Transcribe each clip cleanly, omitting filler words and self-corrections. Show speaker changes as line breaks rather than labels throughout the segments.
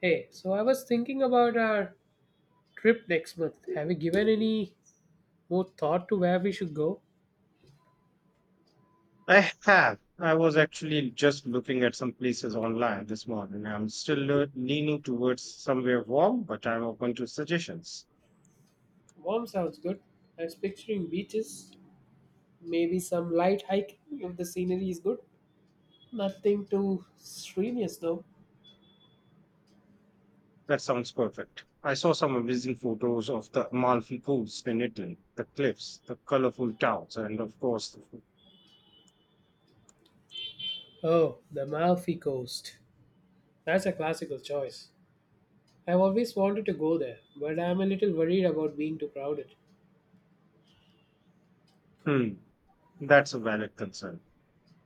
Hey, so I was thinking about our trip next month. Have you given any more thought to where we should go?
I have. I was actually just looking at some places online this morning. I'm still leaning towards somewhere warm, but I'm open to suggestions.
Warm sounds good. I was picturing beaches, maybe some light hiking if the scenery is good. Nothing too strenuous though.
That sounds perfect. I saw some amazing photos of the Amalfi Coast in Italy, the cliffs, the colorful towns, and of course, the food.
Oh, the Malfi Coast. That's a classical choice. I've always wanted to go there, but I'm a little worried about being too crowded.
Hmm, that's a valid concern.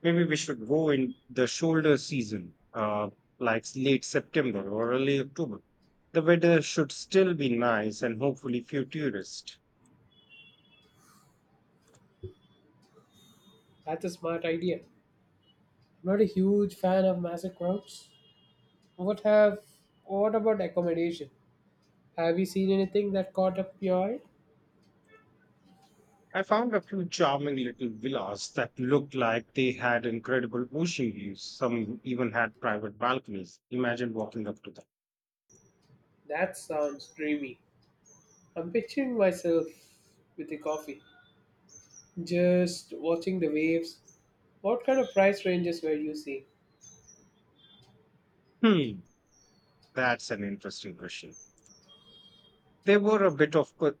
Maybe we should go in the shoulder season, like late September or early October. The weather should still be nice and hopefully few tourists.
That's a smart idea. I'm not a huge fan of massive crowds. What have what about accommodation? Have you seen anything that caught up your eye?
I found a few charming little villas that looked like they had incredible ocean views. Some even had private balconies. Imagine walking up to them.
That sounds dreamy. I'm picturing myself with a coffee, just watching the waves. What kind of price ranges were you seeing?
Hmm, that's an interesting question. They were a bit of a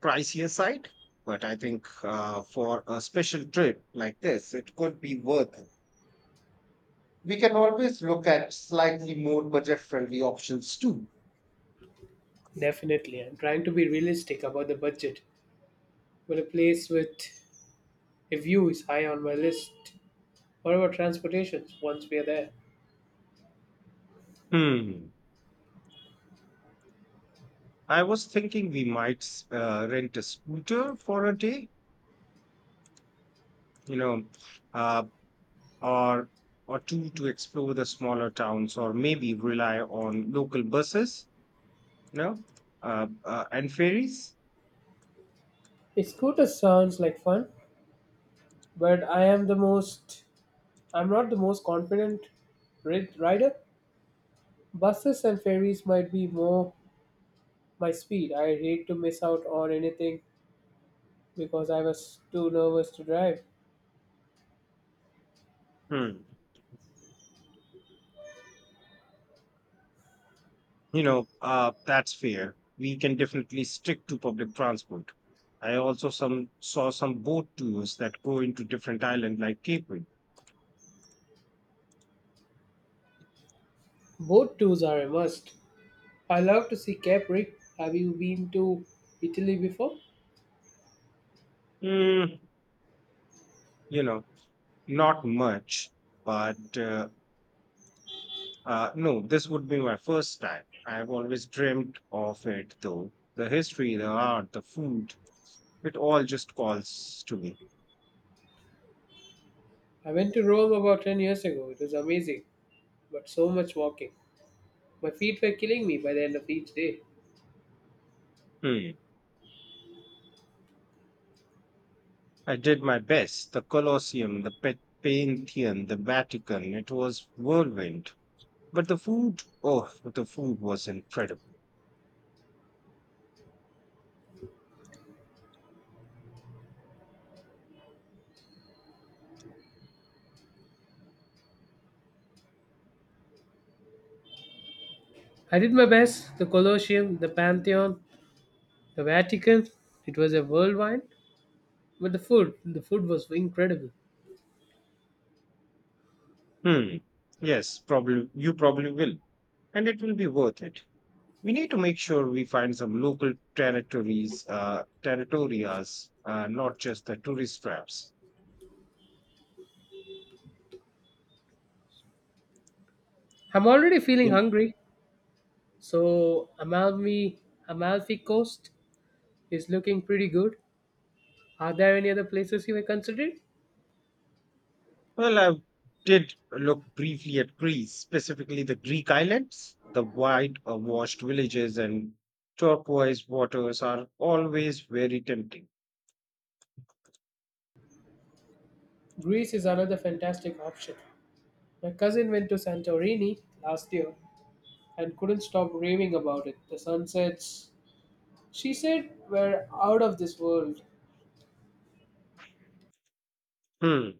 pricier side, but I think for a special trip like this, it could be worth it. We can always look at slightly more budget friendly options too.
Definitely, I'm trying to be realistic about the budget, but a place with a view is high on my list. What about transportation once we are there?
Hmm. I was thinking we might rent a scooter for a day, you know, uh, or or two to explore the smaller towns or maybe rely on local buses you know and ferries
A scooter sounds like fun, but I'm not the most confident rider. Buses and ferries might be more my speed. I hate to miss out on anything because I was too nervous to drive.
hmm. That's fair, we can definitely stick to public transport. I also some saw some boat tours that go into different islands like Cape Verde.
Boat tours are a must. I love to see Capri. Have you been to Italy before?
Hmm, you know not much, but no, this would be my first time. I've always dreamt of it, though. The history, the art, the food. It all just calls to me.
I went to Rome about 10 years ago. It was amazing, but so much walking. My feet were killing me by the end of each day.
Hmm. I did my best. The Colosseum, the Pantheon, the Vatican, it was whirlwind. But the food, oh, the food was incredible.
I did my best. The Colosseum, the Pantheon, the Vatican. It was a whirlwind, but the food was incredible.
Hmm. Yes, probably you probably will. And it will be worth it. We need to make sure we find some local territorias, not just the tourist traps.
I'm already feeling hungry. So Amalfi Coast is looking pretty good. Are there any other places you have considered?
Well, I did look briefly at Greece, specifically the Greek islands. The white washed villages and turquoise waters are always very tempting.
Greece is another fantastic option. My cousin went to Santorini last year and couldn't stop raving about it. The sunsets, she said, were out of this world.
Hmm.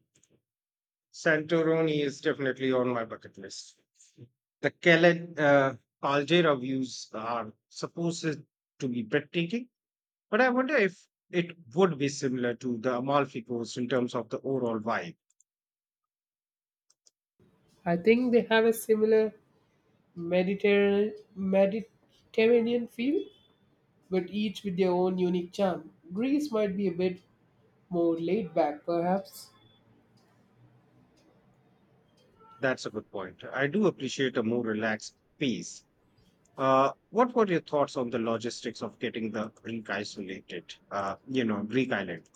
Santorini is definitely on my bucket list. The Kellen Caldera views are supposed to be breathtaking, but I wonder if it would be similar to the Amalfi Coast in terms of the overall vibe.
I think they have a similar Mediterranean feel, but each with their own unique charm. Greece might be a bit more laid back, perhaps.
That's a good point. I do appreciate a more relaxed pace. What were your thoughts on the logistics of getting the Greek isolated? Greek island.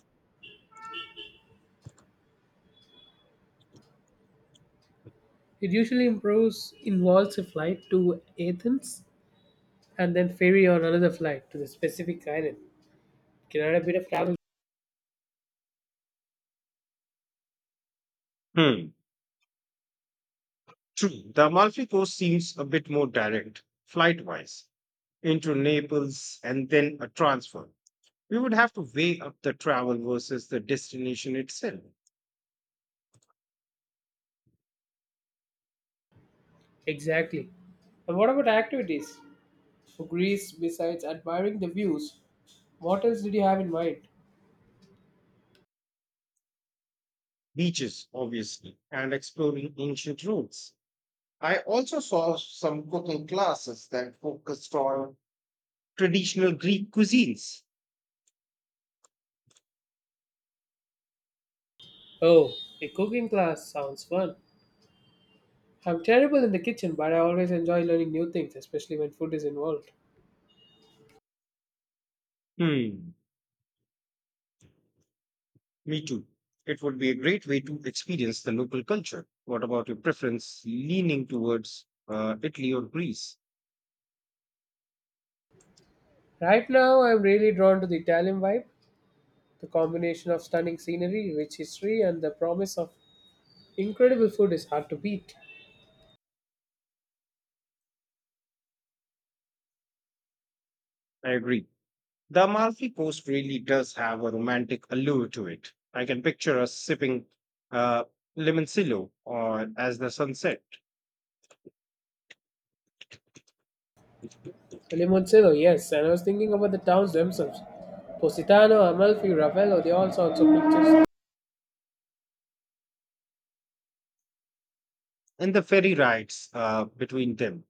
It usually involves a flight to Athens and then ferry on another flight to the specific island. Can add a bit of travel.
Hmm. True. The Amalfi Coast seems a bit more direct, flight-wise, into Naples and then a transfer. We would have to weigh up the travel versus the destination itself.
Exactly. And what about activities for Greece besides admiring the views? What else did you have in mind?
Beaches, obviously, and exploring ancient routes. I also saw some cooking classes that focused on traditional Greek cuisines.
Oh, a cooking class sounds fun. I'm terrible in the kitchen, but I always enjoy learning new things, especially when food is involved.
Hmm. Me too. It would be a great way to experience the local culture. What about your preference leaning towards Italy or Greece?
Right now, I'm really drawn to the Italian vibe. The combination of stunning scenery, rich history, and the promise of incredible food is hard to beat.
I agree. The Amalfi Coast really does have a romantic allure to it. I can picture us sipping uh, limoncillo or as the sunset
Limoncello, yes, and I was thinking about the towns themselves. Positano, Amalfi, Ravello, they all sound so picturesque.
and the ferry rides between them.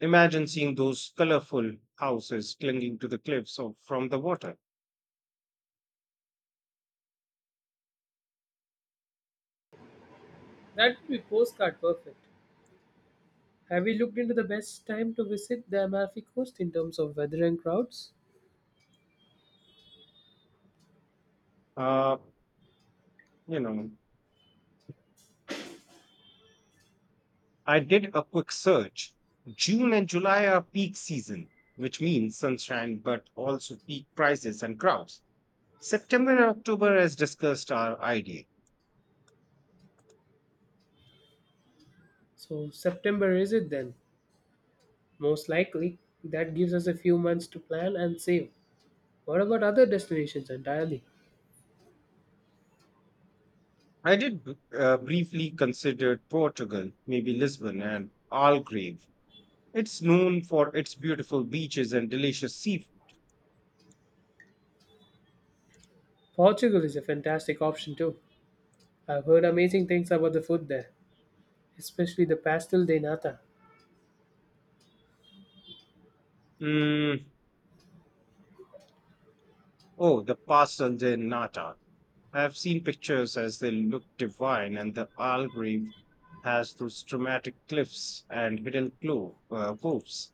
Imagine seeing those colorful houses clinging to the cliffs or from the water.
That would be postcard perfect. Have you looked into the best time to visit the Amalfi Coast in terms of weather and crowds?
Uh, you know, I did a quick search. June and July are peak season, which means sunshine, but also peak prices and crowds. September and October, as discussed, are ideal.
So, September is it then? Most likely. That gives us a few months to plan and save. What about other destinations entirely?
I did briefly consider Portugal, maybe Lisbon and Algarve. It's known for its beautiful beaches and delicious seafood.
Portugal is a fantastic option too. I've heard amazing things about the food there, especially the pastel de nata.
Mm, oh, the pastel de nata. I have seen pictures as they look divine, and the Arl Reef has those dramatic cliffs and hidden coves.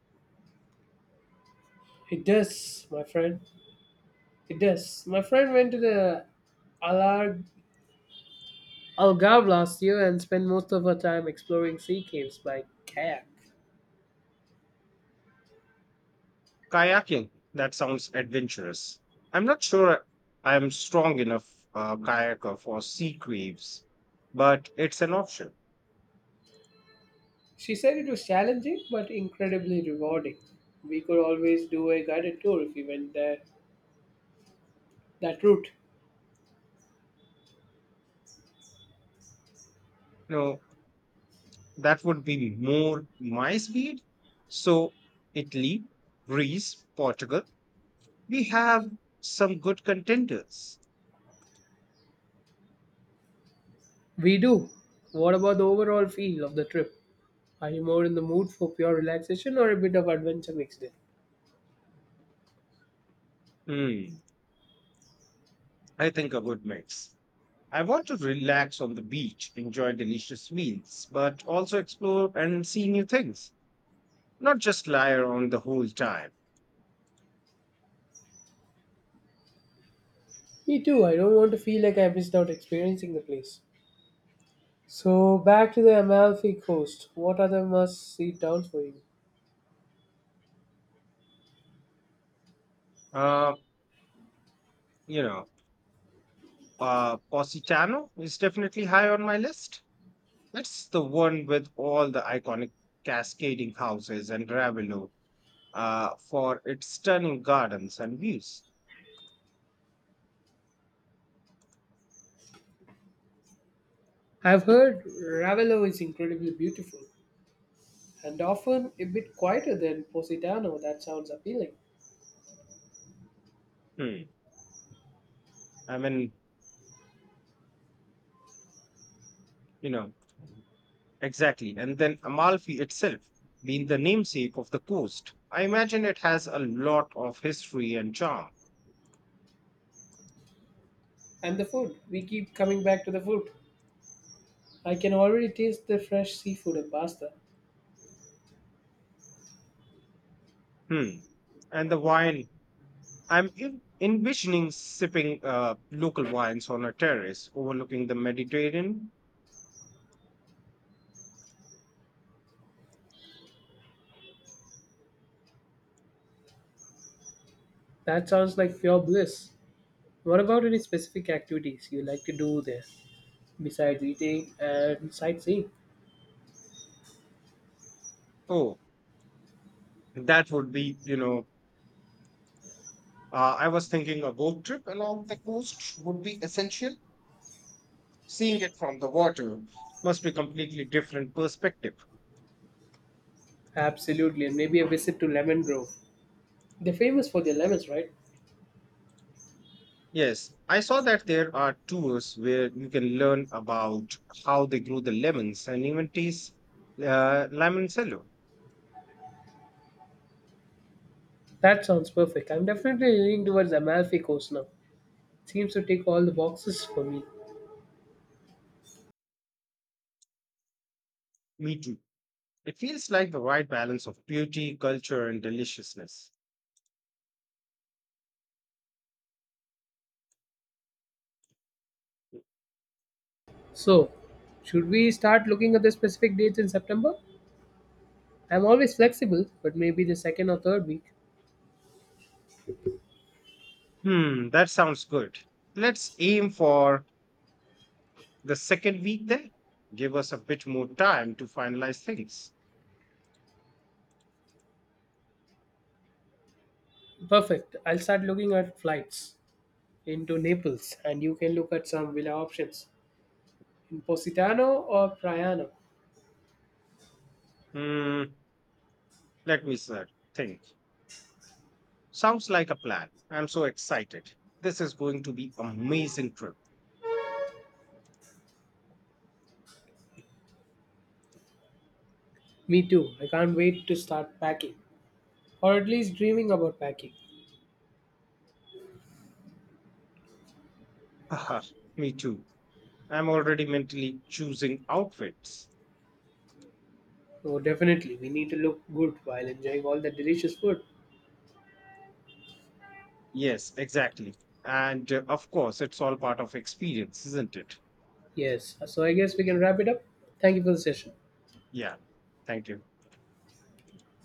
It does, my friend. It does. My friend went to the Alar- Algarve last year and spent most of her time exploring sea caves by kayak.
Kayaking, that sounds adventurous. I'm not sure I am strong enough kayaker for sea caves, but it's an option.
She said it was challenging but incredibly rewarding. We could always do a guided tour if we went there that route.
You know, that would be more my speed. So, Italy, Greece, Portugal, we have some good contenders.
We do. What about the overall feel of the trip? Are you more in the mood for pure relaxation or a bit of adventure mixed in?
Hmm, I think a good mix. I want to relax on the beach, enjoy delicious meals, but also explore and see new things, not just lie around the whole time.
Me too. I don't want to feel like I missed out experiencing the place. So back to the Amalfi Coast. What other must-see towns for you?
Uh, you know, Positano is definitely high on my list. That's the one with all the iconic cascading houses and Ravello, for its stunning gardens and views.
I've heard Ravello is incredibly beautiful and often a bit quieter than Positano. That sounds appealing.
Hmm. I mean, you know, exactly. And then Amalfi itself, being the namesake of the coast, I imagine it has a lot of history and charm.
And the food. We keep coming back to the food. I can already taste the fresh seafood and pasta.
Hmm. And the wine, I'm envisioning sipping local wines on a terrace overlooking the Mediterranean.
That sounds like pure bliss. What about any specific activities you like to do there besides eating and sightseeing?
Oh, that would be, I was thinking a boat trip along the coast would be essential. Seeing it from the water must be completely different perspective.
Absolutely, and maybe a visit to Lemon Grove. They're famous for their lemons, right?
Yes, I saw that there are tours where you can learn about how they grow the lemons and even taste lemon cello.
That sounds perfect. I'm definitely leaning towards Amalfi Coast now. Seems to take all the boxes for me.
Me too. It feels like the right balance of beauty, culture, and deliciousness.
So, should we start looking at the specific dates in September? I'm always flexible, but maybe the second or third week.
Hmm, that sounds good. Let's aim for the second week then. Give us a bit more time to finalize things.
Perfect. I'll start looking at flights into Naples, and you can look at some villa options in Positano or Priano.
Hmm, let me sir, think. Sounds like a plan. I'm so excited. This is going to be amazing trip.
Me too. I can't wait to start packing, or at least dreaming about packing.
Haha, me too. I'm already mentally choosing outfits.
Oh, definitely. We need to look good while enjoying all the delicious food.
Yes, exactly. And of course, it's all part of experience, isn't it?
Yes. So, I guess we can wrap it up. Thank you for the session.
Yeah. Thank you.